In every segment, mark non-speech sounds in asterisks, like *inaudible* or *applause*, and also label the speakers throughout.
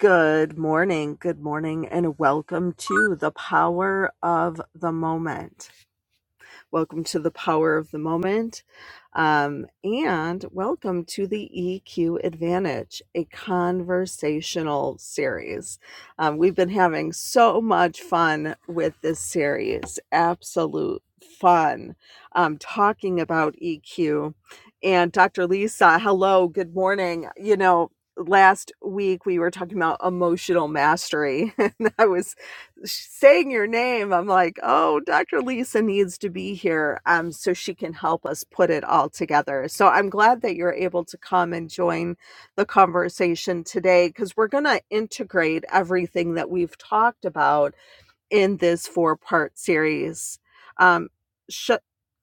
Speaker 1: Good morning, good morning, and welcome to the power of the moment. Welcome to the power of the moment. Um, and welcome to the EQ Advantage, a conversational series. Um, we've been having so much fun with this series, absolute fun, um, talking about EQ. And Dr. Lisa, hello, good morning. You know, last week we were talking about emotional mastery *laughs* and i was saying your name, I'm like, oh, Dr. Lisa needs to be here um, so she can help us put it all together. So I'm glad that you're able to come and join the conversation today because we're going to integrate everything that we've talked about in this four part series. Um, sh-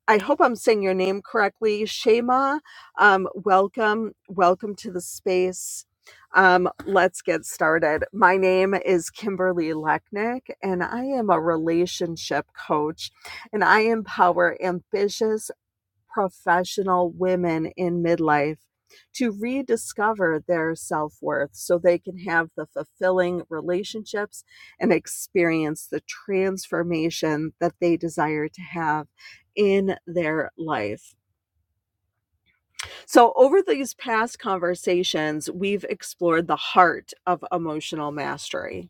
Speaker 1: I hope I'm saying your name correctly. Shema, um, welcome. Welcome to the space. Um, let's get started. My name is Kimberly Lechnick, and I am a relationship coach, and I empower ambitious professional women in midlife to rediscover their self worth so they can have the fulfilling relationships and experience the transformation that they desire to have in their life. So, over these past conversations, we've explored the heart of emotional mastery.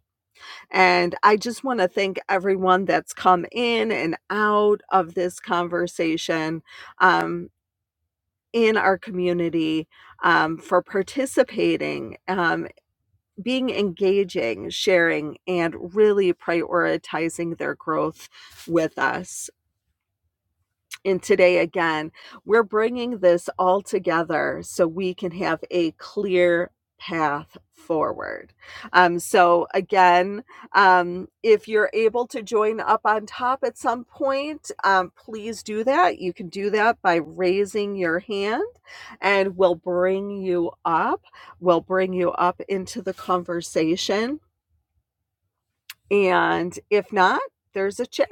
Speaker 1: And I just want to thank everyone that's come in and out of this conversation. Um, in our community um, for participating, um, being engaging, sharing, and really prioritizing their growth with us. And today, again, we're bringing this all together so we can have a clear path forward. Um, so, again, um, if you're able to join up on top at some point, um, please do that. You can do that by raising your hand, and we'll bring you up. We'll bring you up into the conversation. And if not, there's a chat.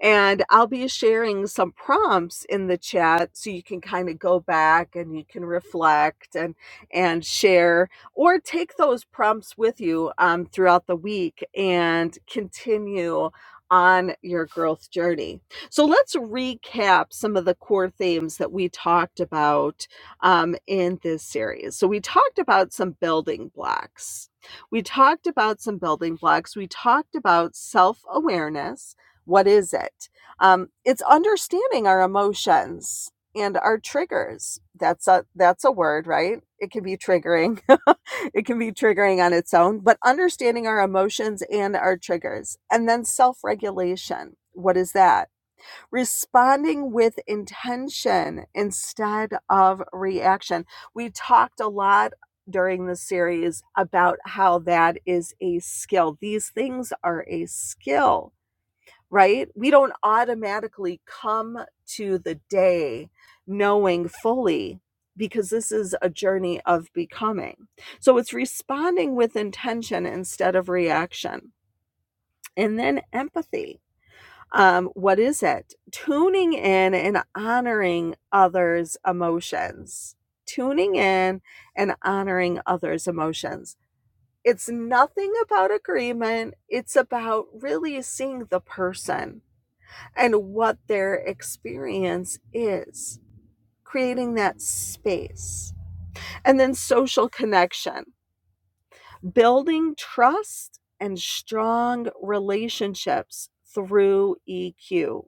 Speaker 1: And I'll be sharing some prompts in the chat so you can kind of go back and you can reflect and and share or take those prompts with you um, throughout the week and continue on your growth journey. So let's recap some of the core themes that we talked about um, in this series. So we talked about some building blocks. We talked about some building blocks. We talked about self awareness what is it? Um, it's understanding our emotions and our triggers. That's a that's a word, right? It can be triggering. *laughs* it can be triggering on its own, but understanding our emotions and our triggers. And then self-regulation. What is that? Responding with intention instead of reaction. We talked a lot during the series about how that is a skill. These things are a skill right? We don't automatically come to the day knowing fully because this is a journey of becoming. So it's responding with intention instead of reaction. And then empathy. Um, what is it? Tuning in and honoring others' emotions. Tuning in and honoring others' emotions. It's nothing about agreement. It's about really seeing the person and what their experience is, creating that space. And then social connection, building trust and strong relationships through EQ,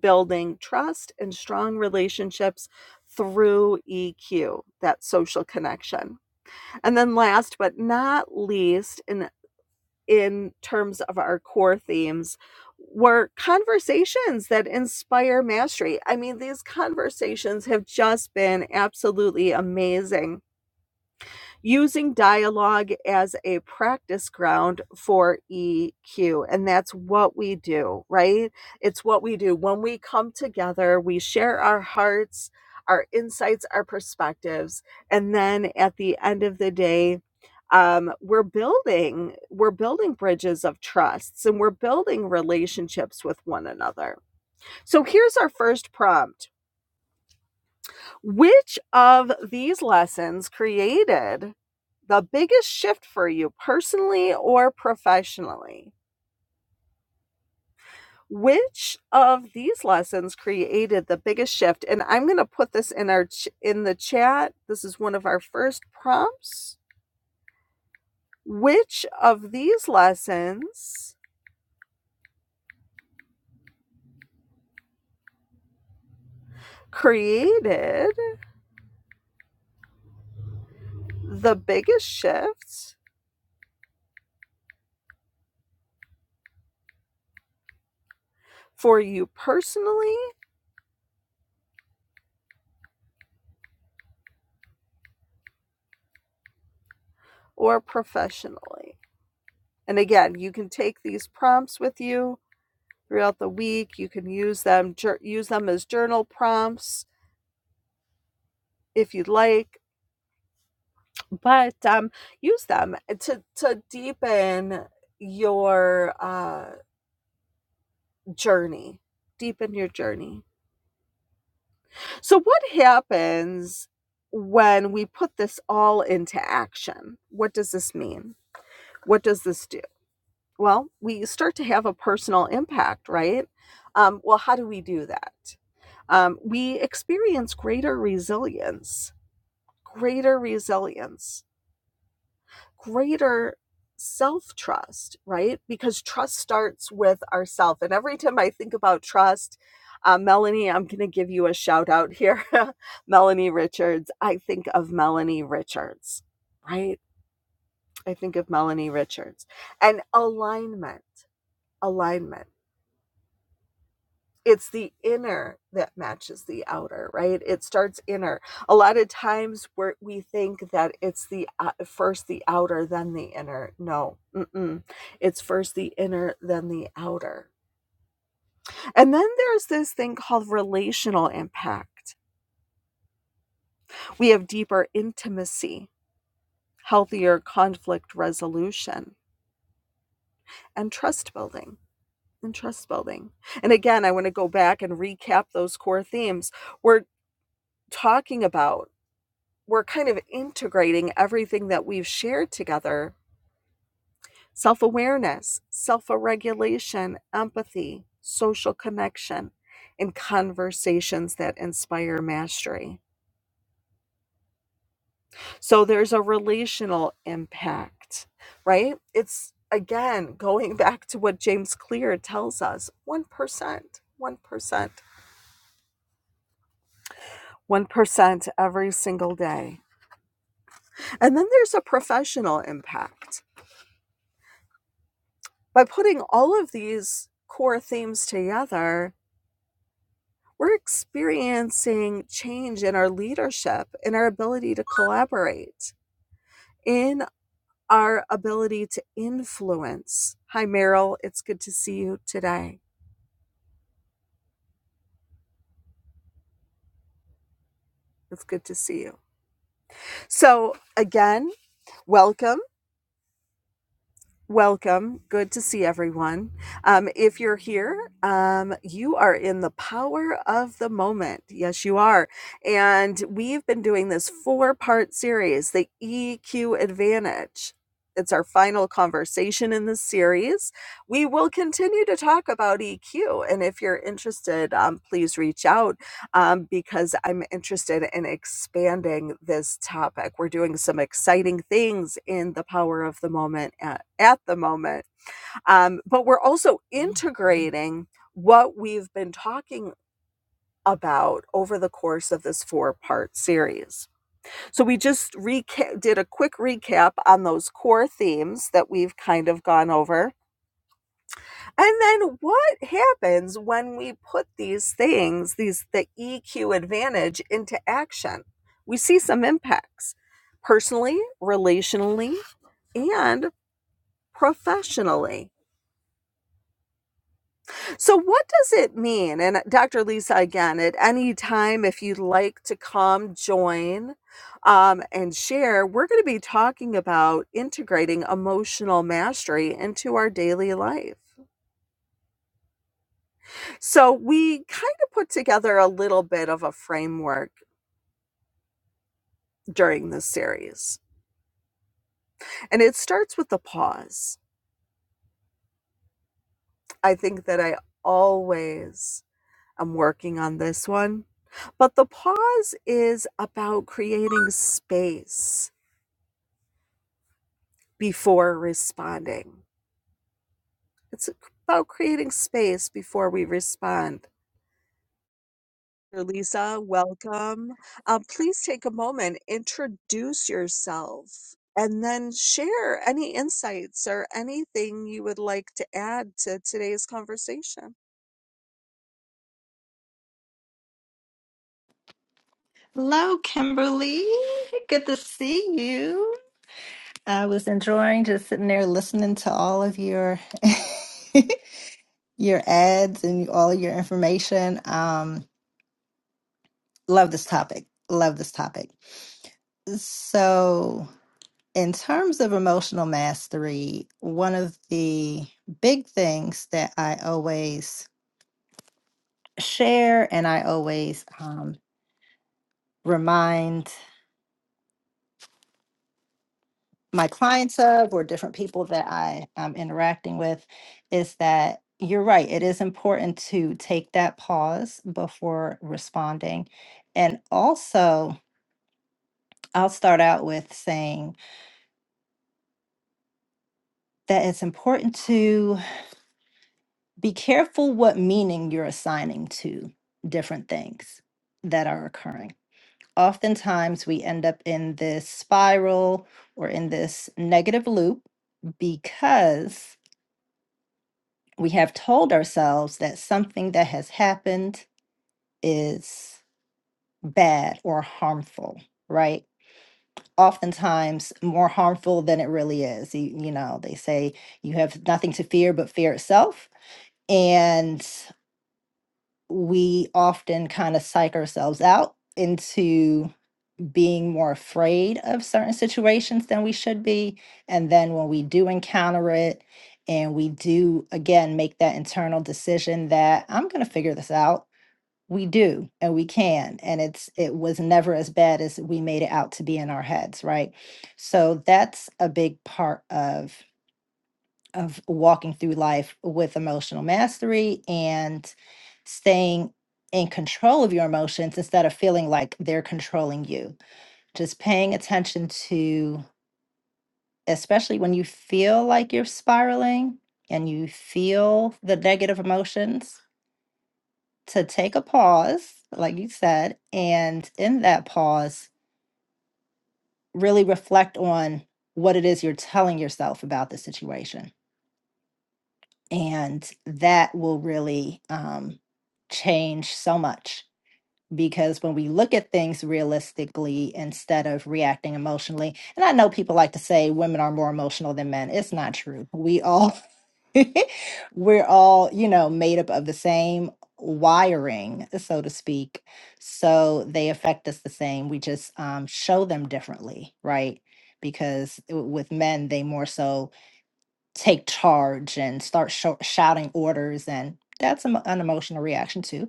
Speaker 1: building trust and strong relationships through EQ, that social connection. And then last but not least, and in terms of our core themes were conversations that inspire mastery. I mean, these conversations have just been absolutely amazing using dialogue as a practice ground for EQ. And that's what we do, right? It's what we do. When we come together, we share our hearts, our insights, our perspectives. And then at the end of the day, um, we're building we're building bridges of trusts and we're building relationships with one another so here's our first prompt which of these lessons created the biggest shift for you personally or professionally? Which of these lessons created the biggest shift? And I'm going to put this in our ch- in the chat. This is one of our first prompts. Which of these lessons created the biggest shift for you personally or professionally? And again, you can take these prompts with you throughout the week. You can use them jour- use them as journal prompts if you'd like, but um, use them to to deepen your uh, journey. Deepen your journey. So, what happens when we put this all into action? What does this mean? What does this do? Well, we start to have a personal impact, right? Um, well, how do we do that? Um, we experience greater resilience greater resilience, greater self trust, right? Because trust starts with ourself. And every time I think about trust, uh, Melanie, I'm going to give you a shout out here. *laughs* Melanie Richards. I think of Melanie Richards, right? I think of Melanie Richards. And alignment, alignment it's the inner that matches the outer right it starts inner a lot of times where we think that it's the uh, first the outer then the inner no mm-mm. it's first the inner then the outer and then there's this thing called relational impact we have deeper intimacy healthier conflict resolution and trust building and trust building and again i want to go back and recap those core themes we're talking about we're kind of integrating everything that we've shared together self awareness, self regulation, empathy, social connection, and conversations that inspire mastery. So there's a relational impact, right? It's again going *laughs* back to what James Clear tells us 1%, 1%. 1% every single day. And then there's a professional impact. by putting all of these core themes together, we're experiencing change in our leadership, in our ability to collaborate, in our ability to influence. Hi, Meryl. It's good to see you today. It's good to see you. So, again, welcome Welcome. Good to see everyone. Um, if you're here, um, you are in the power of the moment. Yes, you are. And we've been doing this four part series, the EQ Advantage. It's our final conversation in this series. We will continue to talk about EQ. And if you're interested, um, please reach out um, because I'm interested in expanding this topic. We're doing some exciting things in the power of the moment at, at the moment, um, but we're also integrating what we've been talking about over the course of this four part series. So we just reca- did a quick recap on those core themes that we've kind of gone over. And then what happens when we put these things, these the EQ advantage into action? We see some impacts personally, relationally, and professionally. So what does it mean? And Dr. Lisa again, at any time if you'd like to come join um, and share, we're going to be talking about integrating emotional mastery into our daily life. So we kind of put together a little bit of a framework during this series. And it starts with the pause. I think that I always am working on this one. But the pause is about creating space before responding. It's about creating space before we respond. Lisa, welcome. Uh, please take a moment, introduce yourself, and then share any insights or anything you would like to add to today's conversation.
Speaker 2: Hello, Kimberly. Good to see you. I was enjoying just sitting there listening to all of your *laughs* your ads and all your information. Um, love this topic. Love this topic. So, in terms of emotional mastery, one of the big things that I always share and I always um, remind my clients of or different people that I am interacting with is that you're right. It is important to take that pause before responding. And also, I'll start out with saying that it's important to be careful what meaning you're assigning to different things that are occurring. Oftentimes, we end up in this spiral or in this negative loop because we have told ourselves that something that has happened is bad or harmful, right? Oftentimes more harmful than it really is. You, you know, they say you have nothing to fear but fear itself. And we often kind of psych ourselves out into being more afraid of certain situations than we should be. And then when we do encounter it, and we do again make that internal decision that I'm going to figure this out we do and we can and it's it was never as bad as we made it out to be in our heads right so that's a big part of of walking through life with emotional mastery and staying in control of your emotions instead of feeling like they're controlling you just paying attention to especially when you feel like you're spiraling and you feel the negative emotions to take a pause, like you said, and in that pause, really reflect on what it is you're telling yourself about the situation. And that will really um, change so much because when we look at things realistically instead of reacting emotionally, and I know people like to say women are more emotional than men. It's not true. We all *laughs* we're all, you know, made up of the same wiring, so to speak. So they affect us the same. We just um, show them differently, right? Because w- with men, they more so take charge and start sho- shouting orders, and that's an an emotional reaction too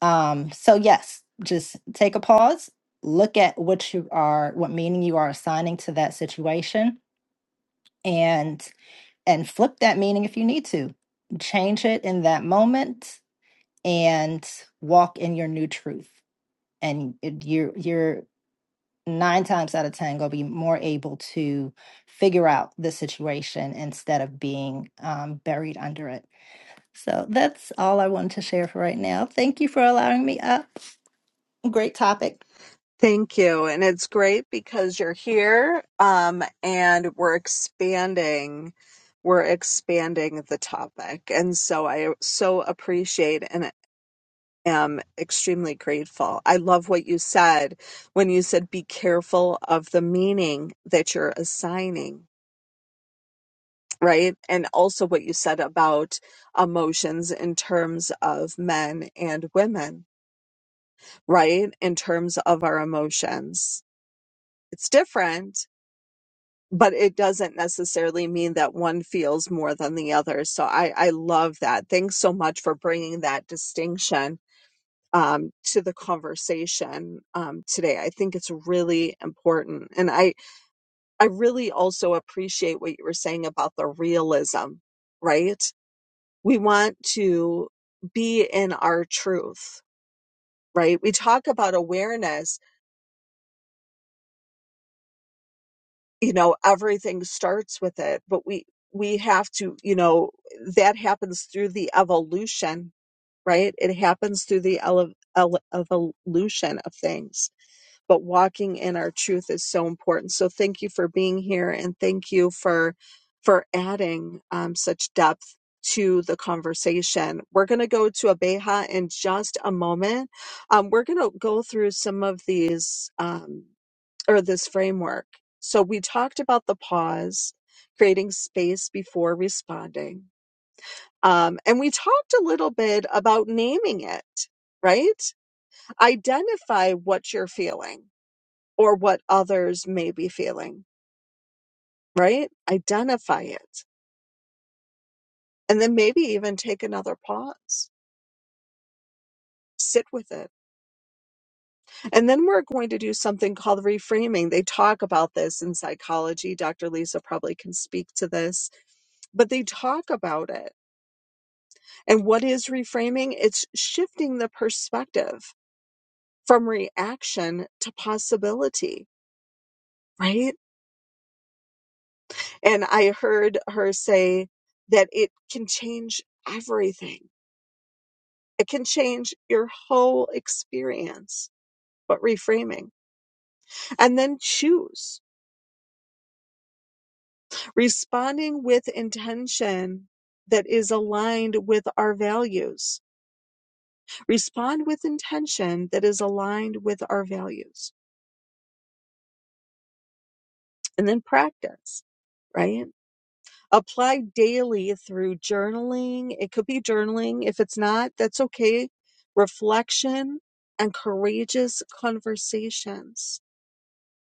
Speaker 2: um, so yes, just take a pause, look at what you are, what meaning you are assigning to that situation, and and flip that meaning if you need to. Change it in that moment and walk in your new truth. And it- you're you're nine times out of ten gonna be more able to figure out the situation instead of being um, buried under it. So that's all I wanted to share for right now. Thank you for allowing me up. Great topic.
Speaker 1: Thank you. And it's great because you're here um, and we're expanding. We're expanding the topic. And so I so appreciate and am extremely grateful. I love what you said when you said, be careful of the meaning that you're assigning, right? And also what you said about emotions in terms of men and women, right? In terms of our emotions, it's different. But it doesn't necessarily mean that one feels more than the other. So I, I love that. Thanks so much for bringing that distinction um, to the conversation um, today. I think it's really important, and I I really also appreciate what you were saying about the realism. Right, we want to be in our truth. Right, we talk about awareness. You know, everything starts with it, but we we have to. You know, that happens through the evolution. Right, it happens through the ele- ele- evolution of things but walking in our truth is so important. So thank you for being here and thank you for for adding um, such depth to the conversation. We're going to go to Abeja in just a moment. Um, we're going to go through some of these um, or this framework. So we talked about the pause, creating space before responding. Um, and we talked a little bit about naming it, right? Identify what you're feeling or what others may be feeling, right? Identify it. And then maybe even take another pause, sit with it. And then we're going to do something called reframing. They talk about this in psychology. Dr. Lisa probably can speak to this, but they talk about it. And what is reframing? It's shifting the perspective from reaction to possibility, right? And I heard her say that it can change everything It can change your whole experience, but reframing. And then choose responding with intention that is aligned with our values. Respond with intention that is aligned with our values. And then practice, right? Apply daily through journaling. It could be journaling. If it's not, that's okay. Reflection and courageous conversations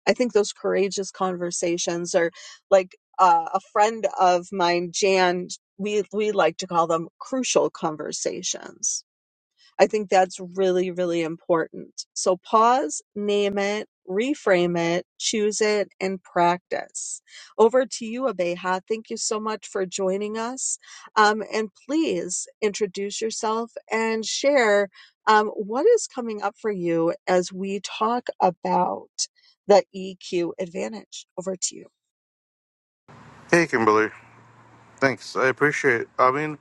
Speaker 1: I think those courageous conversations are like uh, a friend of mine, Jan. We we like to call them crucial conversations I think that's really, really important. So pause, name it, reframe it, choose it, and practice. Over to you, Abeha. Thank you so much for joining us. Um, and please introduce yourself and share um, what is coming up for you as we talk about the EQ advantage. Over to you.
Speaker 3: Hey, Kimberly. Thanks. I appreciate it. I mean,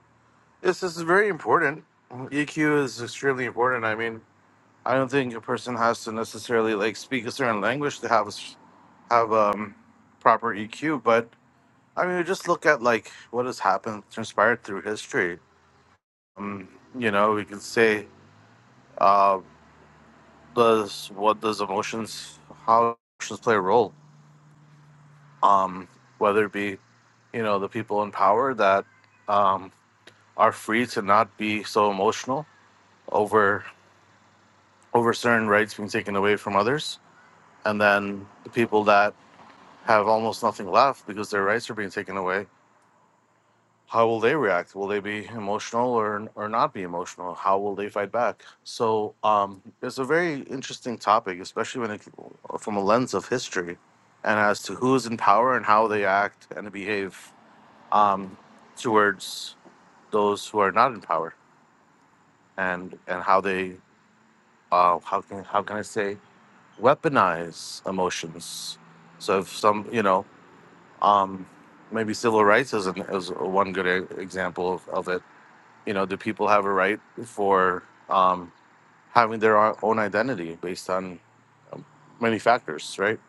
Speaker 3: this, this is very important. EQ is extremely important. I mean, I don't think a person has to necessarily like speak a certain language to have a s- have um proper EQ, but I mean, just look at like what has happened transpired through history. Um, you know, we can say uh does what does emotions how emotions play a role? Um, whether it be, you know, the people in power that um are free to not be so emotional over over certain rights being taken away from others, and then the people that have almost nothing left because their rights are being taken away. How will they react? Will they be emotional or or not be emotional? How will they fight back? So um, it's a very interesting topic, especially when it, from a lens of history, and as to who is in power and how they act and behave um, towards those who are not in power, and and how they uh, how can how can I say weaponize emotions. So if some, you know, um, maybe civil rights is, an, is one good e- example of, of it. You know, do people have a right for um, having their o- own identity based on um, many factors, right?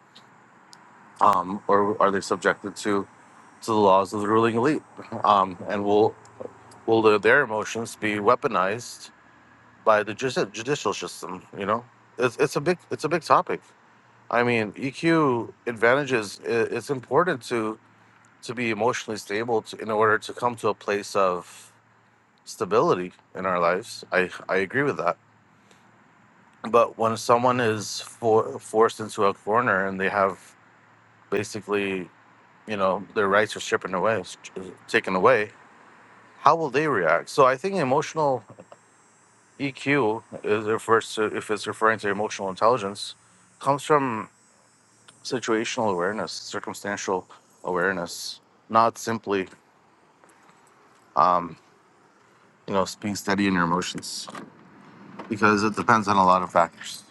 Speaker 3: Um, or are they subjected to to the laws of the ruling elite? Um, and will will the, their emotions be weaponized by the judici- judicial system? You know, it's, it's a big it's a big topic. I mean, EQ advantages. i- It's important to to be emotionally stable to, in order to come to a place of stability in our lives. I I agree with that. But when someone is for, forced into a corner and they have basically, you know, their rights are stripped away, taken away, how will they react? So I think emotional EQ is refers to if it's referring to emotional intelligence, comes from situational awareness, circumstantial awareness, not simply, um, you know, being steady in your emotions, because it depends on a lot of factors,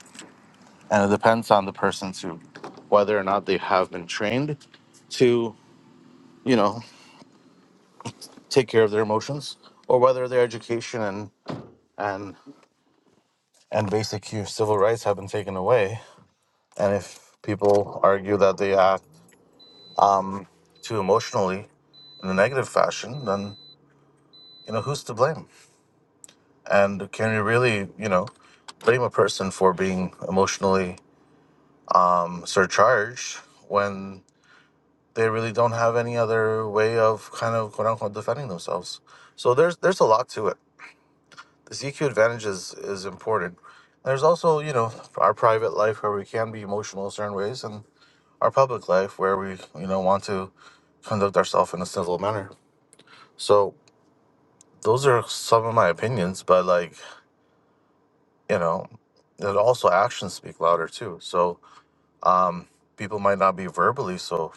Speaker 3: and it depends on the person to whether or not they have been trained to, you know, take care of their emotions, or whether their education and and and basic hu- civil rights have been taken away, and if people argue that they act too emotionally in a negative fashion, then you know who's to blame? And can you really, you know, blame a person for being emotionally um, surcharged when they really don't have any other way of kind of quote unquote defending themselves? So there's there's a lot to it. The EQ advantage is is important. There's also, you know, our private life where we can be emotional in certain ways, and our public life where we, you know, want to conduct ourselves in a civil manner. So those are some of my opinions, but like, you know, and also actions speak louder too. So Um, people might not be verbally so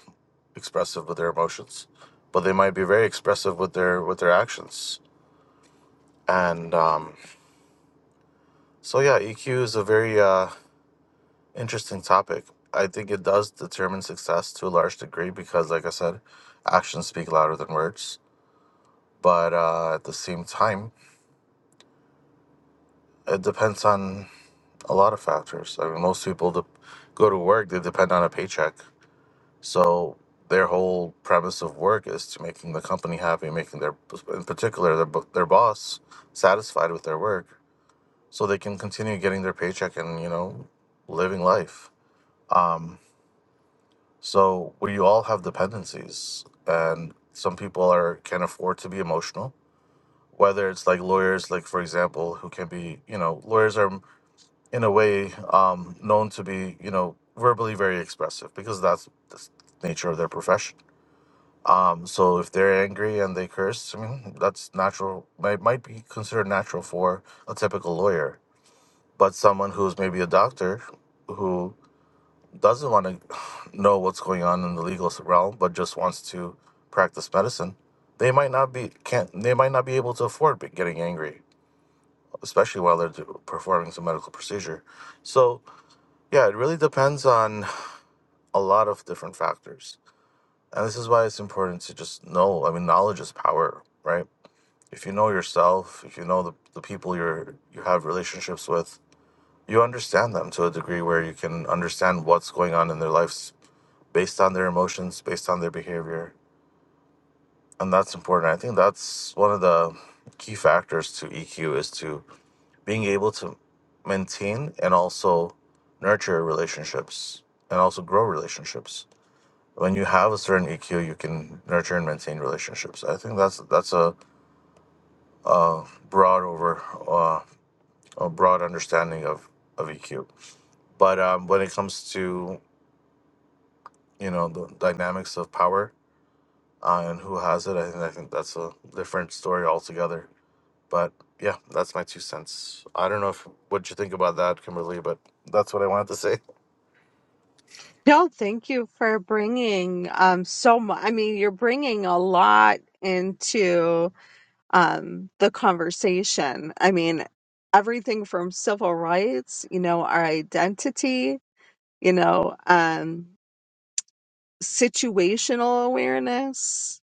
Speaker 3: expressive with their emotions, but they might be very expressive with their with their actions. And um, so, yeah, EQ is a very uh, interesting topic. I think it does determine success to a large degree because, like I said, actions speak louder than words. But uh, at the same time, it depends on a lot of factors. I mean, most people de- go to work; they depend on a paycheck. So their whole premise of work is to making the company happy, making their, in particular, their bo- their boss satisfied with their work, so they can continue getting their paycheck and you know, living life. Um, so we all have dependencies, and some people are can afford to be emotional. Whether it's like lawyers, like for example, who can be, you know, lawyers are in a way um, known to be, you know, verbally very expressive because that's the nature of their profession Um, so if they're angry and they curse, I mean, that's natural. Might might be considered natural for a typical lawyer, but someone who's maybe a doctor who doesn't want to *sighs* know what's going on in the legal realm, but just wants to practice medicine, they might not be can't they might not be able to afford be- getting angry, especially while they're do- performing some medical procedure. So yeah, it really depends on *sighs* a lot of different factors, and this is why it's important to just know. I mean, knowledge is power, right? if you know yourself, if you know the, the people you're you have relationships with, you understand them to a degree where you can understand what's going on in their lives based on their emotions, based on their behavior. And that's important. I think that's one of the key factors to EQ is to being able to maintain and also nurture relationships and also grow relationships. When you have a certain EQ, you can nurture and maintain relationships. I think that's that's a broad over uh, a broad understanding of of EQ. But um, when it comes to you know the dynamics of power uh, and who has it, I think I think that's a different story altogether. But yeah, that's my two cents. I don't know if what you think about that, Kimberly, but that's what I wanted to say.
Speaker 1: No, thank you for bringing um, so much. I mean, you're bringing a lot into um, the conversation. I mean, everything from civil rights, you know, our identity, you know, um, situational awareness,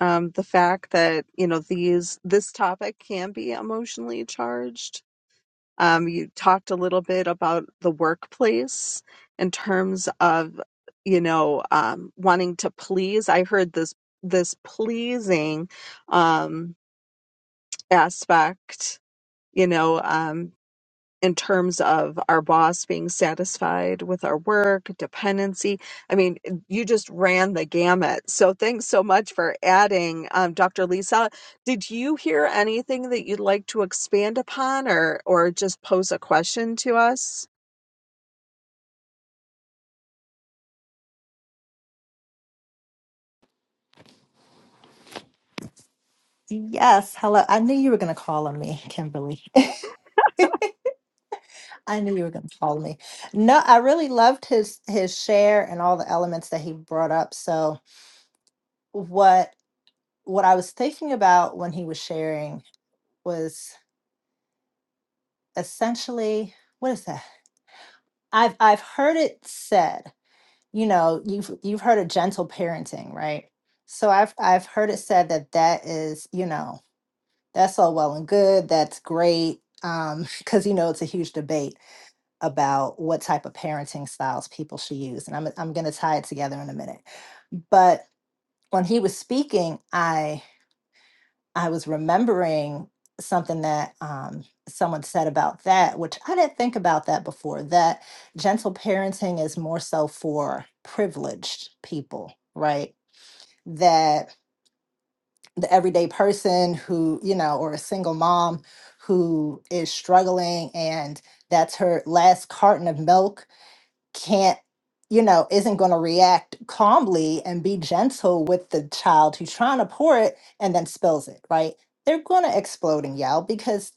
Speaker 1: um, the fact that you know these this topic can be emotionally charged. Um, you talked a little bit about the workplace in terms of you know um, wanting to please. I heard this this pleasing um, aspect you know, um, in terms of our boss being satisfied with our work, dependency. I mean, you just ran the gamut. So thanks so much for adding, um, Dr. Lisa. Did you hear anything that you'd like to expand upon, or or just pose a question to us?
Speaker 2: Yes, hello. I knew you were going to call on me, Kimberly. *laughs* I knew you were going to call me. No, I really loved his his share and all the elements that he brought up. So what what I was thinking about when he was sharing was essentially what is that? I've I've heard it said, you know, you've you've heard of gentle parenting, right? So I've I've heard it said that that is, you know, that's all well and good, that's great, um, *laughs* because you know it's a huge debate about what type of parenting styles people should use. And I'm I'm gonna tie it together in a minute. But when he was speaking, I I was remembering something that um, someone said about that, which I didn't think about that before. That gentle parenting is more so for privileged people, right? That the everyday person who you know, or a single mom who is struggling and that's her last carton of milk can't you know isn't going to react calmly and be gentle with the child who's trying to pour it and then spills it right they're going to explode and yell because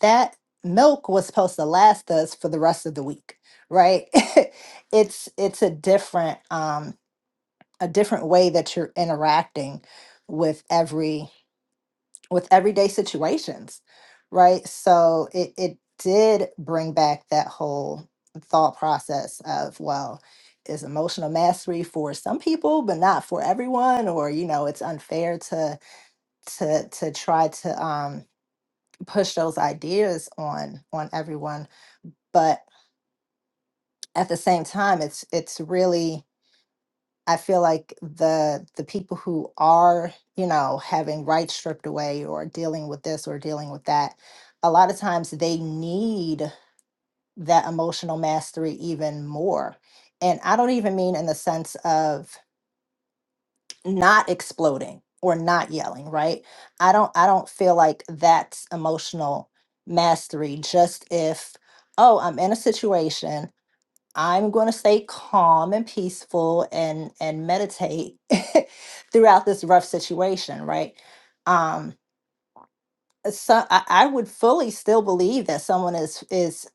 Speaker 2: that milk was supposed to last us for the rest of the week right *laughs* it's it's a different um a different way that you're interacting with every with everyday situations, right? So it it did bring back that whole thought process of well, is emotional mastery for some people but not for everyone, or you know, it's unfair to to to try to um, push those ideas on on everyone, but at the same time, it's it's really I feel like the the people who are, you know, having rights stripped away or dealing with this or dealing with that, a lot of times they need that emotional mastery even more. And I don't even mean in the sense of not exploding or not yelling, right? I don't I don't feel like that's emotional mastery just if oh, I'm in a situation I'm going to stay calm and peaceful and and meditate *laughs* throughout this rough situation, right? Um, so I, I would fully still believe that someone is is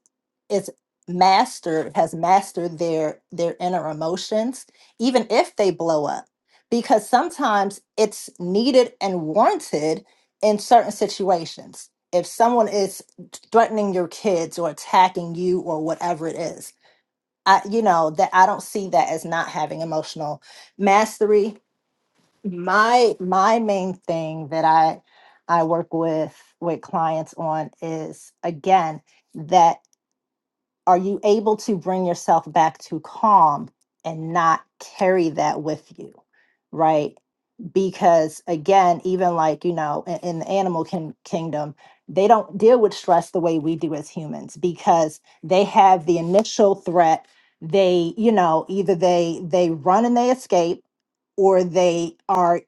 Speaker 2: is mastered has mastered their their inner emotions, even if they blow up, because sometimes it's needed and warranted in certain situations. If someone is threatening your kids or attacking you or whatever it is, I, you know, that I don't see that as not having emotional mastery. My my main thing that I I work with with clients on is again that are you able to bring yourself back to calm and not carry that with you right because again even like you know in, in the animal kin- kingdom they don't deal with stress the way we do as humans because they have the initial threat they you know either they they run and they escape or they are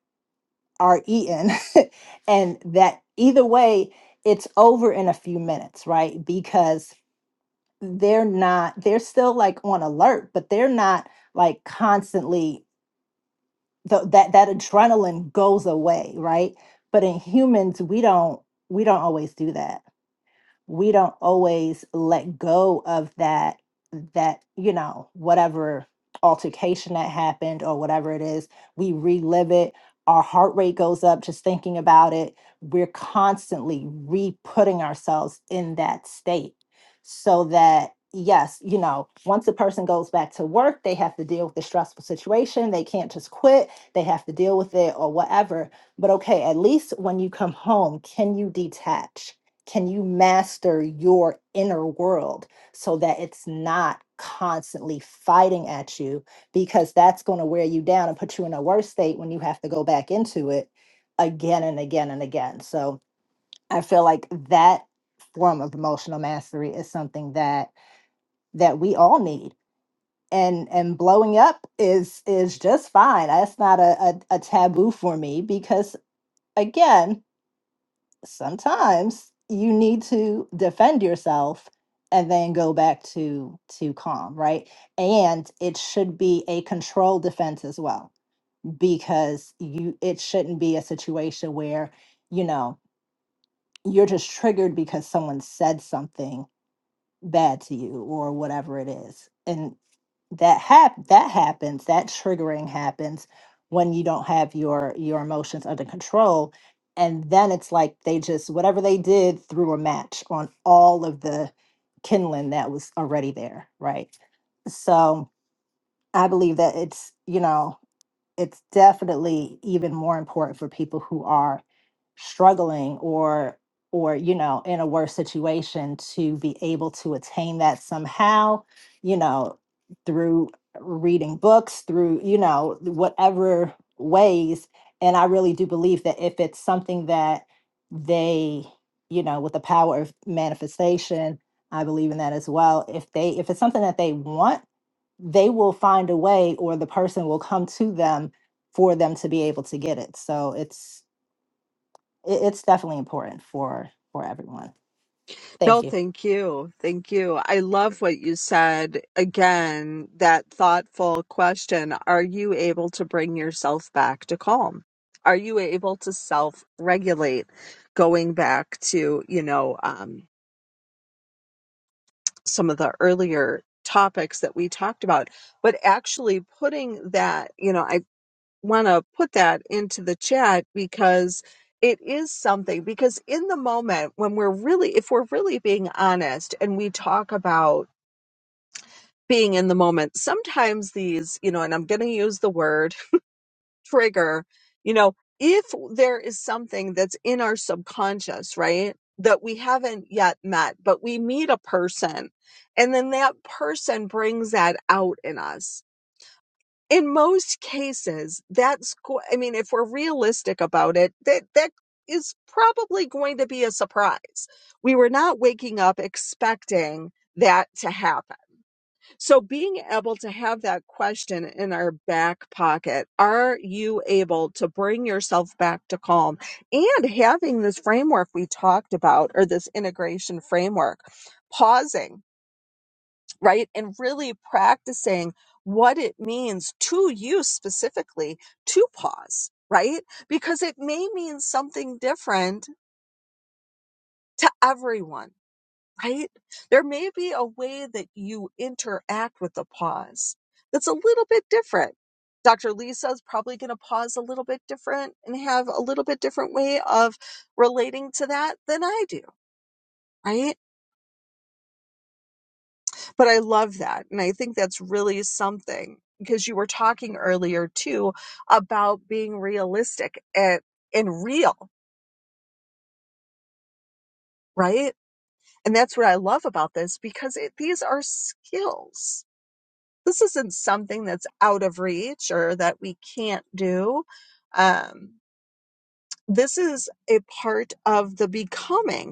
Speaker 2: are eaten *laughs* and that either way it's over in a few minutes right because they're not they're still like on alert but they're not like constantly the, that that adrenaline goes away right but in humans we don't we don't always do that we don't always let go of that that you know whatever altercation that happened or whatever it is we relive it our heart rate goes up just thinking about it we're constantly re-putting ourselves in that state so that yes you know once a person goes back to work they have to deal with the stressful situation they can't just quit they have to deal with it or whatever but okay at least when you come home can you detach can you master your inner world so that it's not constantly fighting at you because that's going to wear you down and put you in a worse state when you have to go back into it again and again and again so i feel like that form of emotional mastery is something that that we all need and and blowing up is is just fine that's not a, a, a taboo for me because again sometimes you need to defend yourself and then go back to to calm right and it should be a controlled defense as well because you it shouldn't be a situation where you know you're just triggered because someone said something bad to you or whatever it is and that hap- that happens that triggering happens when you don't have your your emotions under control and then it's like they just whatever they did threw a match on all of the kindling that was already there right so i believe that it's you know it's definitely even more important for people who are struggling or or you know in a worse situation to be able to attain that somehow you know through reading books through you know whatever ways and i really do believe that if it's something that they you know with the power of manifestation i believe in that as well if they if it's something that they want they will find a way or the person will come to them for them to be able to get it so it's it- it's definitely important for for everyone thank
Speaker 1: No,
Speaker 2: you
Speaker 1: thank you. Thank you. I love what you said. Again, that thoughtful question. Are you able to bring yourself back to calm? Are you able to self regulate? Going back to, you know, um, some of the earlier topics that we talked about, but actually putting that, you know, I want to put that into the chat because it is something because in the moment when we're really if we're really being honest and we talk about being in the moment sometimes these you know and I'm going to use the word *laughs* trigger you know if there is something that's in our subconscious right that we haven't yet met but we meet a person and then that person brings that out in us in most cases, that's, go- I mean, if we're realistic about it, that, that is probably going to be a surprise. We were not waking up expecting that to happen. So being able to have that question in our back pocket, are you able to bring yourself back to calm and having this framework we talked about or this integration framework, pausing right? And really practicing what it means to you specifically to pause, right? Because it may mean something different to everyone, right? There may be a way that you interact with the pause that's a little bit different. Dr. Lisa's probably going to pause a little bit different and have a little bit different way of relating to that than I do, right? but I love that. And I think that's really something because you were talking earlier too about being realistic and, and real, right? And that's what I love about this because it, these are skills. This isn't something that's out of reach or that we can't do. Um, this is a part of the becoming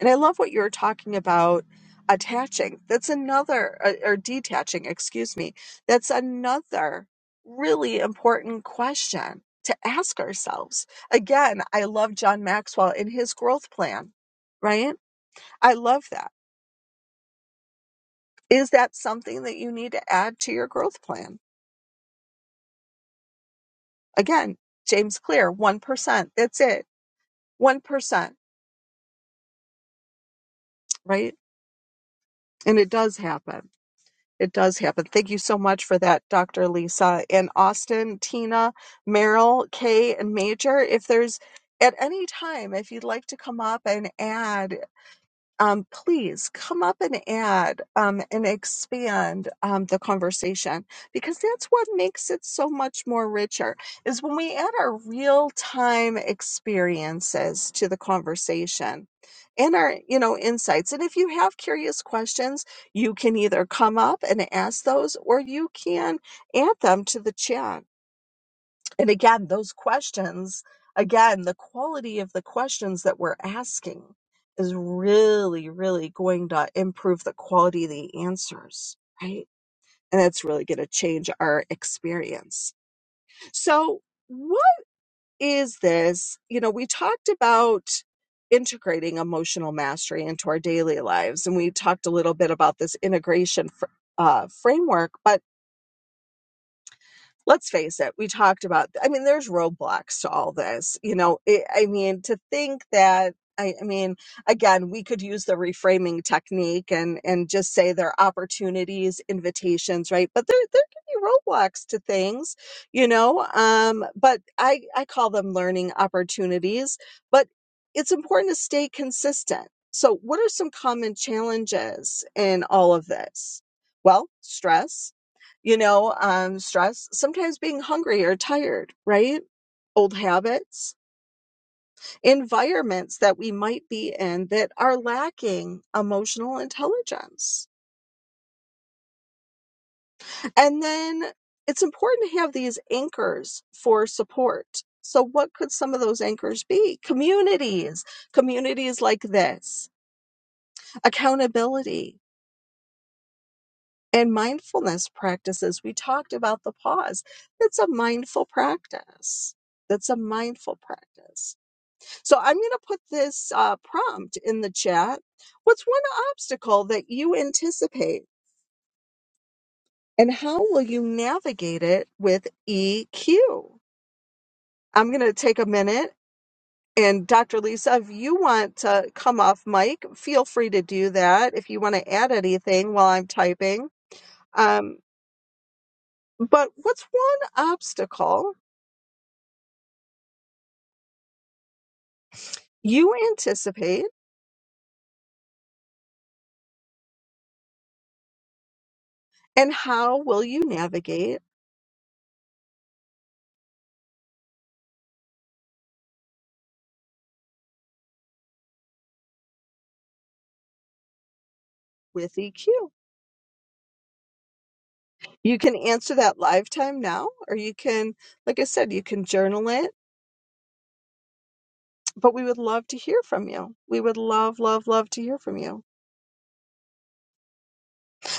Speaker 1: And I love what you were talking about attaching. That's another, or or detaching, excuse me. That's another really important question to ask ourselves. Again, I love John Maxwell and his growth plan, right? I love that. Is that something that you need to add to your growth plan? Again, James Clear, 1%. That's it. 1%, right? And it does happen. It does happen. Thank you so much for that, Dr. Lisa. And Austin, Tina, Merrill, Kay, and Major, if there's at any time, if you'd like to come up and add um, please come up and add um, and expand um, the conversation because that's what makes it so much more richer is when we add our real time experiences to the conversation and our you know insights and if you have curious questions you can either come up and ask those or you can add them to the chat and again, those questions, again, the quality of the questions that we're asking is really, really going to improve the quality of the answers, right? And that's really going to change our experience. So, what is this? You know, we talked about integrating emotional mastery into our daily lives, and we talked a little bit about this integration fr- uh, framework, but let's face it, we talked about, I mean, there's roadblocks to all this. You know, it, I mean, to think that, I, I mean, again, we could use the reframing technique and, and just say there are opportunities, invitations, right? But there, there can be roadblocks to things, you know, um, but I, I call them learning opportunities, but it's important to stay consistent. So what are some common challenges in all of this? Well, stress, you know, um, stress, sometimes being hungry or tired, right? Old habits, environments that we might be in that are lacking emotional intelligence. And then it's important to have these anchors for support. So, what could some of those anchors be? Communities, communities like this, accountability, and mindfulness practices. We talked about the pause. That's a mindful practice. That's a mindful practice So I'm going to put this uh, prompt in the chat. What's one obstacle that you anticipate, and how will you navigate it with EQ? I'm going to take a minute. And Dr. Lisa, if you want to come off mic, feel free to do that if you want to add anything while I'm typing. Um, but what's one obstacle you anticipate, and how will you navigate with EQ? You can answer that live time now, or you can, like I said, you can journal it. But we would love to hear from you. We would love, love, love to hear from you.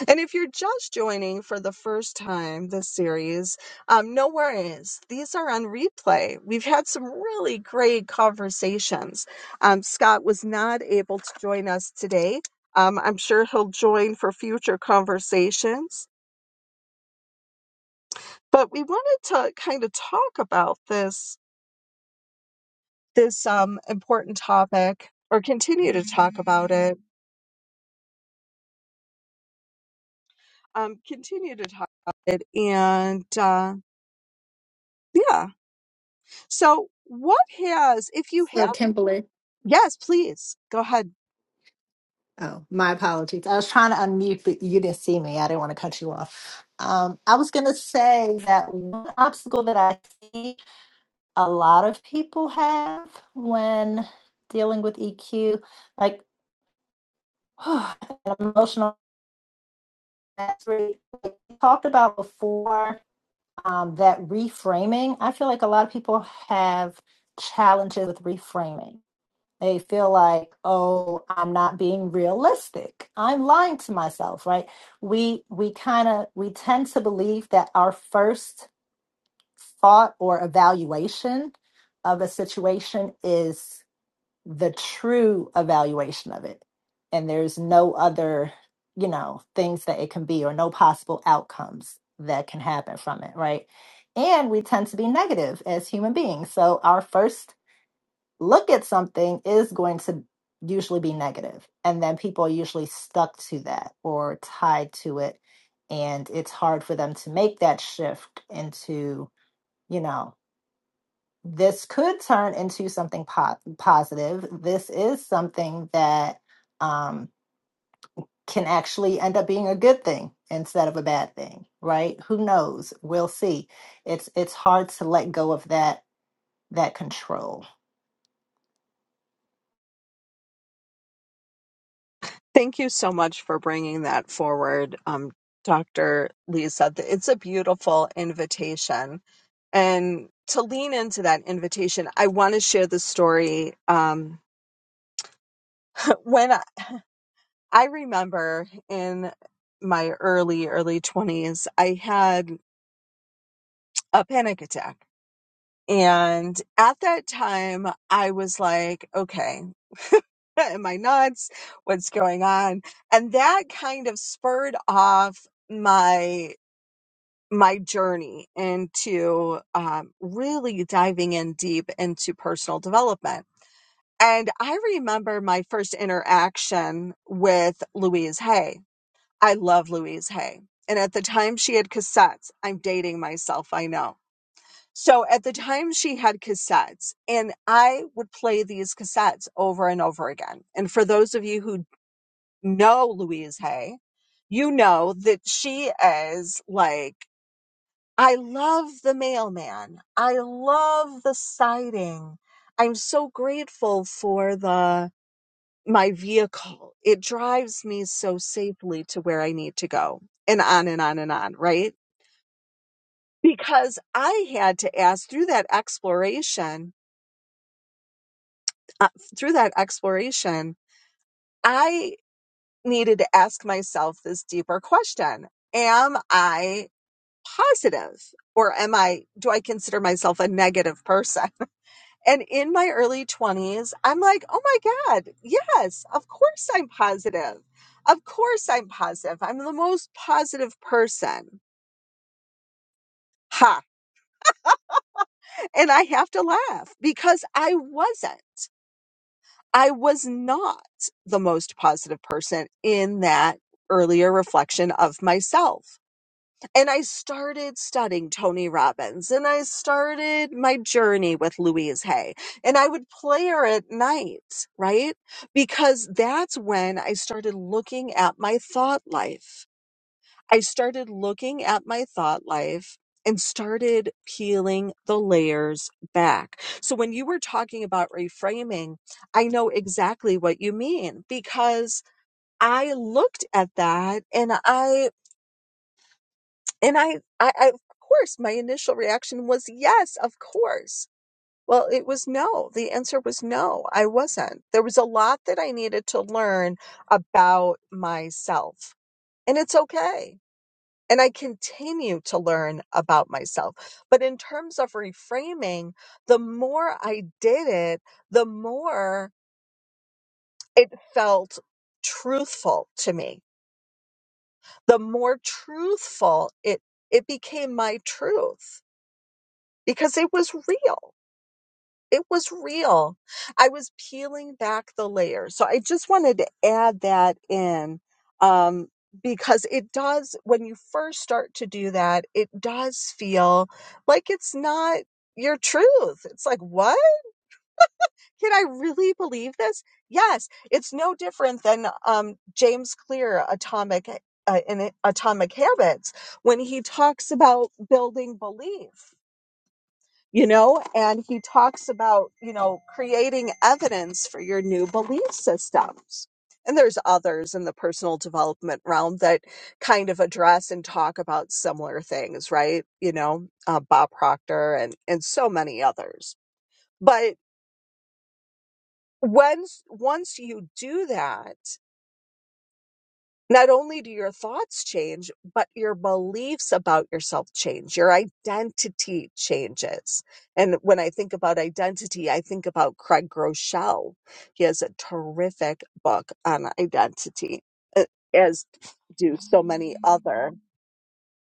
Speaker 1: And if you're just joining for the first time this series, um, no worries. These are on replay. We've had some really great conversations. Um, Scott was not able to join us today. Um, I'm sure he'll join for future conversations. But we wanted to kind of talk about this this um, important topic or continue to talk about it. Um, continue to talk about it. And uh, yeah. So, what has, if you
Speaker 2: So
Speaker 1: have,
Speaker 2: Kimberly,
Speaker 1: yes, please go ahead.
Speaker 2: oh my apologies i was trying to unmute but you didn't see me i didn't want to cut you off um, i was going to say that one obstacle that i see a lot of people have when dealing with EQ, like *sighs* an emotional mastery. Like we talked about before um, that reframing. I feel like a lot of people have challenges with reframing. They feel like, oh, I'm not being realistic. I'm lying to myself, right? We we kind of we tend to believe that our first thought or evaluation of a situation is the true evaluation of it and there's no other you know things that it can be or no possible outcomes that can happen from it right and we tend to be negative as human beings so our first look at something is going to usually be negative and then people are usually stuck to that or tied to it and it's hard for them to make that shift into you know this could turn into something po- positive. This is something that um, can actually end up being a good thing instead of a bad thing, right? Who knows? We'll see. It's it's hard to let go of that that control.
Speaker 1: Thank you so much for bringing that forward, um, Dr. Lisa. Th- It's a beautiful invitation. And to lean into that invitation, I want to share the story. Um, *laughs* when I remember in my early, early 20s, I had a panic attack. And at that time, I was like, okay, *laughs* am I nuts? What's going on? And that kind of spurred off my my journey into um, really diving in deep into personal development. And I remember my first interaction with Louise Hay I love Louise Hay. And at the time she had cassettes, I'm dating myself, I know. So at the time she had cassettes, and I would play these cassettes over and over again. And for those of you who know Louise Hay, you know that she is like, I love the mailman. I love the siding. I'm so grateful for the my vehicle. It drives me so safely to where I need to go and on and on and on, right? Because I had to ask through that exploration, uh, through that exploration, I needed to ask myself this deeper question. Am I positive or am I, do I consider myself a negative person? And in my early 20s, I'm like, oh my God, yes, of course I'm positive. Of course I'm positive. I'm the most positive person. Ha. And I have to laugh because I wasn't. I was not the most positive person in that earlier reflection of myself. and I started studying Tony Robbins and I started my journey with Louise Hay and I would play her at night, right? Because that's when I started looking at my thought life. I started looking at my thought life and started peeling the layers back. So when you were talking about reframing, I know exactly what you mean because I looked at that and I and I, I, I, of course, my initial reaction was yes, of course. Well, it was no. The answer was no, I wasn't. There was a lot that I needed to learn about myself, and it's okay. And I continue to learn about myself. But in terms of reframing, the more I did it, the more it felt truthful to me. The more truthful it, it became my truth because it was real. It was real. I was peeling back the layers. So I just wanted to add that in um, because it does, when you first start to do that, it does feel like it's not your truth. It's like, what? Can I really believe this? Yes, it's no different than um, James Clear, Atomic. Uh, in Atomic Habits, when he talks about building belief you know and he talks about you know creating evidence for your new belief systems and there's others in the personal development realm that kind of address and talk about similar things right you know uh, bob proctor and and so many others but once once you do that Not only do your thoughts change, but your beliefs about yourself change. Your identity changes. And when I think about identity, I think about Craig Groeschel. He has a terrific book on identity, a- as do so many other,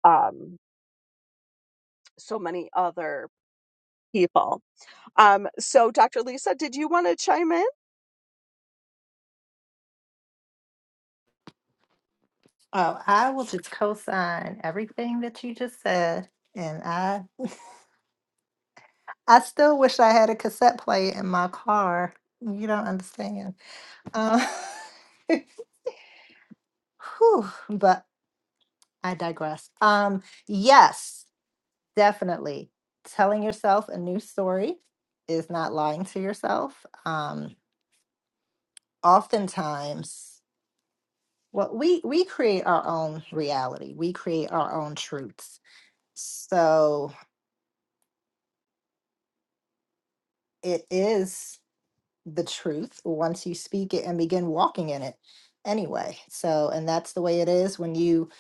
Speaker 1: um, so many other people. Um, so Dr. Lisa, did you want to chime in?
Speaker 2: Oh, I will just co-sign everything that you just said, and I I still wish I had a cassette player in my car. You don't understand. Um, *laughs* whew, but I digress. Um, yes, definitely. Telling yourself a new story is not lying to yourself. Um, oftentimes, well, we we create our own reality. We create our own truths. So it is the truth once you speak it and begin walking in it. Anyway, so and that's the way it is when you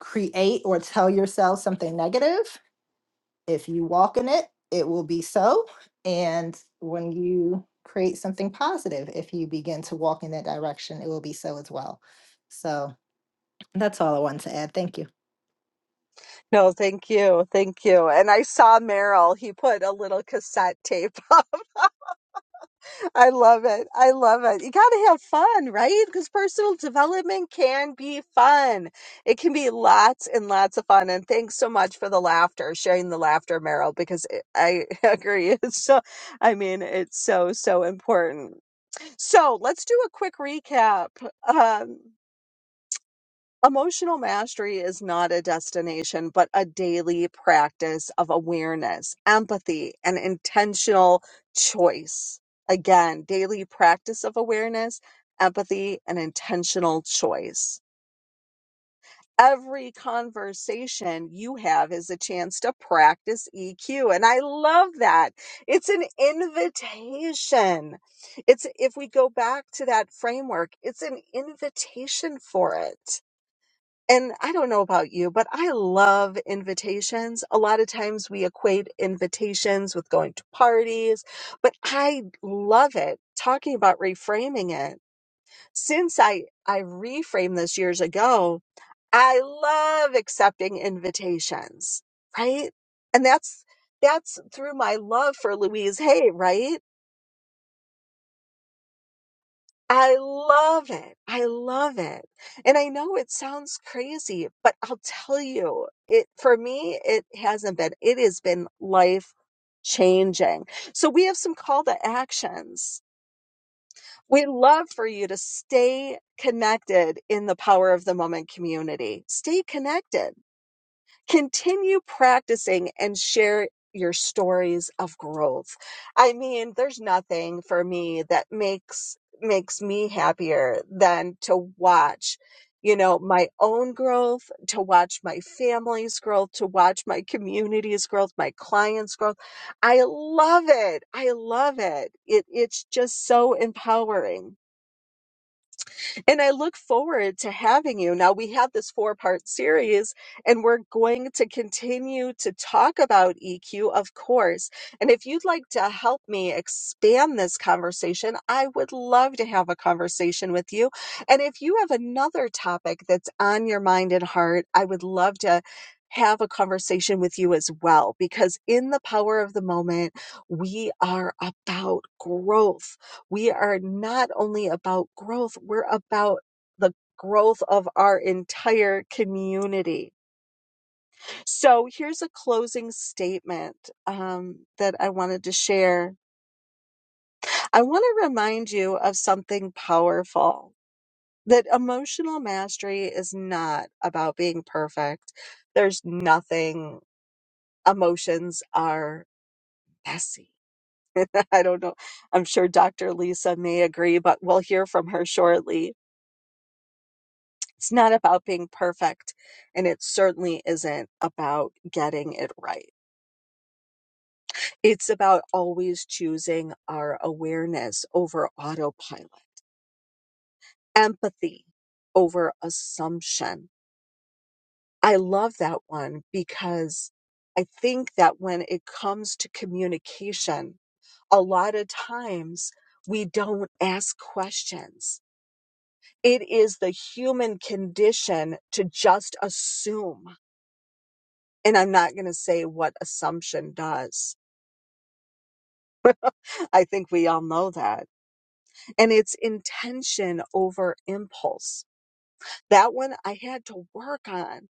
Speaker 2: create or tell yourself something negative. If you walk in it, it will be so. And when you create something positive, if you begin to walk in that direction, it will be so as well. So that's all I wanted to add. Thank you.
Speaker 1: No, thank you. Thank you. And I saw Merrill, he put a little cassette tape *laughs* up. I love it. I love it. You got to have fun, right? Because personal development can be fun. It can be lots and lots of fun. And thanks so much for the laughter, sharing the laughter, Merrill, because it, I *laughs* agree. It's so, I mean, it's so, so important. So let's do a quick recap. Um, Emotional mastery is not a destination, but a daily practice of awareness, empathy, and intentional choice. Again, daily practice of awareness, empathy, and intentional choice. Every conversation you have is a chance to practice EQ. And I love that. It's an invitation. It's, if we go back to that framework, it's an invitation for it and I don't know about you, but I love invitations. A lot of times we equate invitations with going to parties, but I love it. Talking about reframing it. Since I, I reframed this years ago, I love accepting invitations, right? And that's, that's through my love for Louise Hay, right? I love it. I love it. And I know it sounds crazy, but I'll tell you, it for me, it hasn't been. It has been life changing. So we have some call to actions. We'd love for you to stay connected in the Power of the Moment community. Stay connected continue practicing and share your stories of growth. I mean, there's nothing for me that makes makes me happier than to watch you know my own growth to watch my family's growth to watch my community's growth my clients growth i love it i love it, it it's just so empowering and I look forward to having you. Now, we have this four part series, and we're going to continue to talk about EQ, of course. And if you'd like to help me expand this conversation, I would love to have a conversation with you. And if you have another topic that's on your mind and heart, I would love to. Have a conversation with you as well, because in the power of the moment, we are about growth we are not only about growth, we're about the growth of our entire community. So here's a closing statement um, that I wanted to share. I want to remind you of something powerful that emotional mastery is not about being perfect. There's nothing, emotions are messy. *laughs* I don't know. I'm sure Dr. Lisa may agree, but we'll hear from her shortly It's not about being perfect, and it certainly isn't about getting it right. It's about always choosing our awareness over autopilot, empathy over assumption. I love that one because I think that when it comes to communication, a lot of times we don't ask questions. It is the human condition to just assume And I'm not going to say what assumption does. I think we all know that. And it's intention over impulse. That one I had to work on.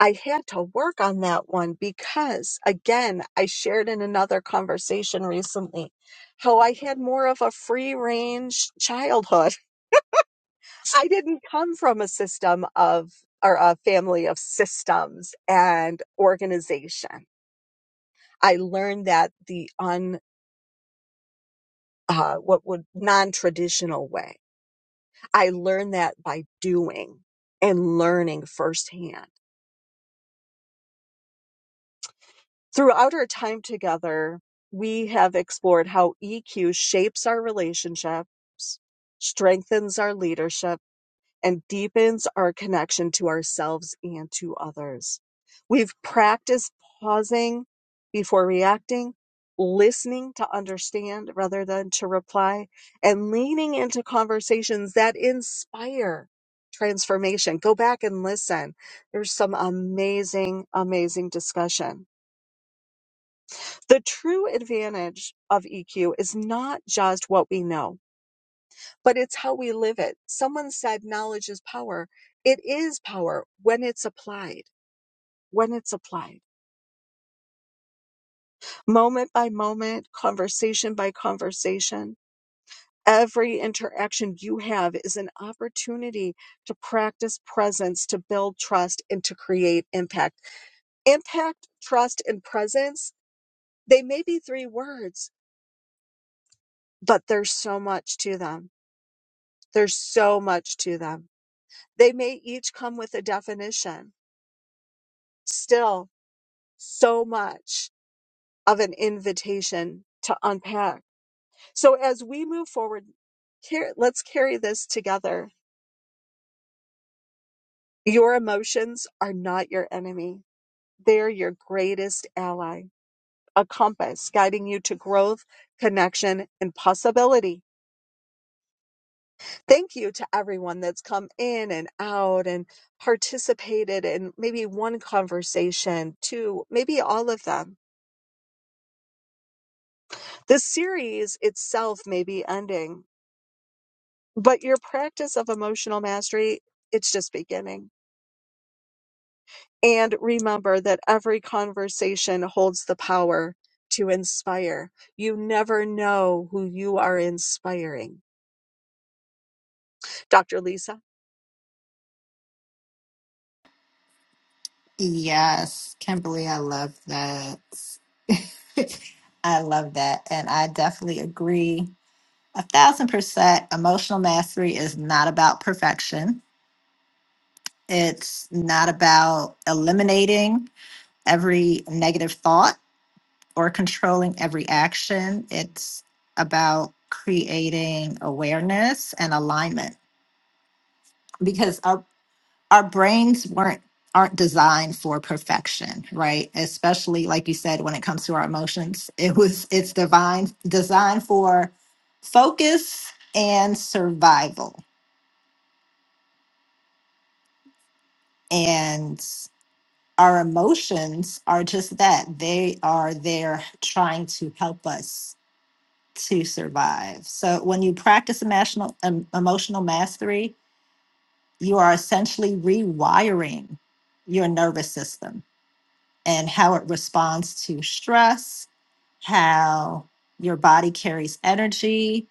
Speaker 1: I had to work on that one because, again, I shared in another conversation recently how I had more of a free range childhood. *laughs* I didn't come from a system of or a family of systems and organization. I learned that the un. uh, what would non-traditional way. I learned that by doing and learning firsthand. Throughout our time together, we have explored how EQ shapes our relationships, strengthens our leadership and deepens our connection to ourselves and to others. We've practiced pausing before reacting, listening to understand rather than to reply, and leaning into conversations that inspire transformation. Go back and listen. There's some amazing, amazing discussion. The true advantage of EQ is not just what we know but it's how we live it. Someone said knowledge is power. It is power when it's applied, when it's applied. Moment by moment, conversation by conversation, every interaction you have is an opportunity to practice presence, to build trust, and to create impact. Impact, trust, and presence, they may be three words, but there's so much to them. There's so much to them. They may each come with a definition. Still, so much of an invitation to unpack. So as we move forward, car- let's carry this together. Your emotions are not your enemy. They're your greatest ally, a compass guiding you to growth, connection, and possibility. Thank you to everyone that's come in and out and participated in maybe one conversation, two, maybe all of them. The series itself may be ending, But your practice of emotional mastery, it's just beginning. And remember that every conversation holds the power to inspire. You never know who you are inspiring. Dr. Lisa?
Speaker 2: Yes, Kimberly, I love that. *laughs* I love that. And I definitely agree a thousand percent. Emotional mastery is not about perfection, it's not about eliminating every negative thought. or controlling every action. It's about creating awareness and alignment because our our brains weren't aren't designed for perfection, right? Especially like you said when it comes to our emotions. It was it's divine designed for focus and survival. And our emotions are just that. They are there trying to help us to survive. So when you practice emotional em- emotional mastery, you are essentially rewiring your nervous system and how it responds to stress, how your body carries energy,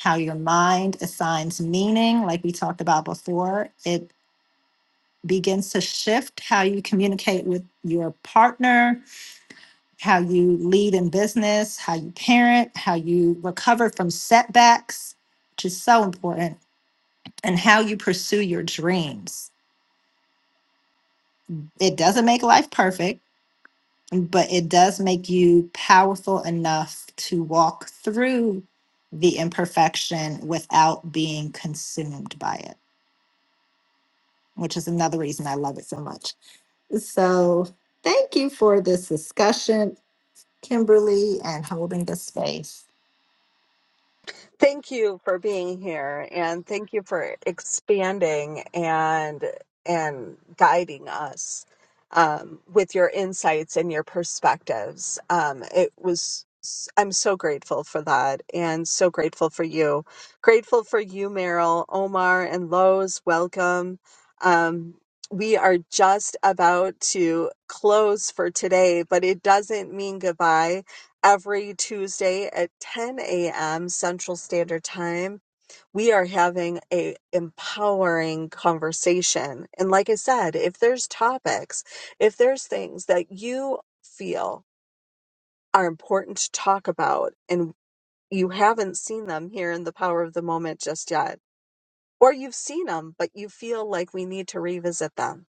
Speaker 2: how your mind assigns meaning, like we talked about before. It begins to shift how you communicate with your partner, how you lead in business, how you parent, how you recover from setbacks, which is so important, and how you pursue your dreams. It doesn't make life perfect, but it does make you powerful enough to walk through the imperfection without being consumed by it, which is another reason I love it so much. So, thank you for this discussion, Kimberly, and holding the space.
Speaker 1: Thank you for being here and thank you for expanding and and guiding us um, with your insights and your perspectives. Um, it was I'm so grateful for that and so grateful for you. Grateful for you, Meryl, Omar, and Lowe's. Welcome. Um, we are just about to close for today, but it doesn't mean goodbye every Tuesday at 10 a.m. Central Standard Time. We are having a empowering conversation. And like I said, if there's topics, if there's things that you feel are important to talk about and you haven't seen them here in the power of the moment just yet, or you've seen them, but you feel like we need to revisit them,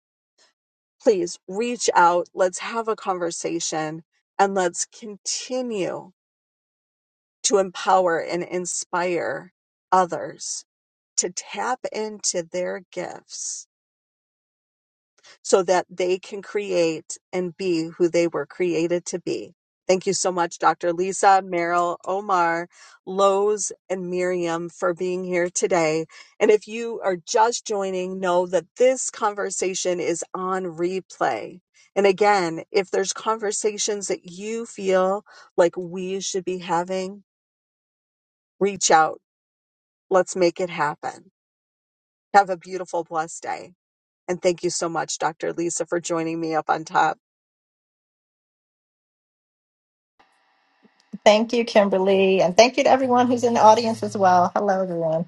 Speaker 1: please reach out. Let's have a conversation and let's continue to empower and inspire others to tap into their gifts so that they can create and be who they were created to be. Thank you so much, Dr. Lisa, Merrill, Omar, Lowe's, and Miriam for being here today. And if you are just joining, know that this conversation is on replay. And again, if there's conversations that you feel like we should be having, reach out Let's make it happen. Have a beautiful, blessed day. And thank you so much, Dr. Lisa, for joining me up on top.
Speaker 2: Thank you, Kimberly. And thank you to everyone who's in the audience as well. Hello, everyone.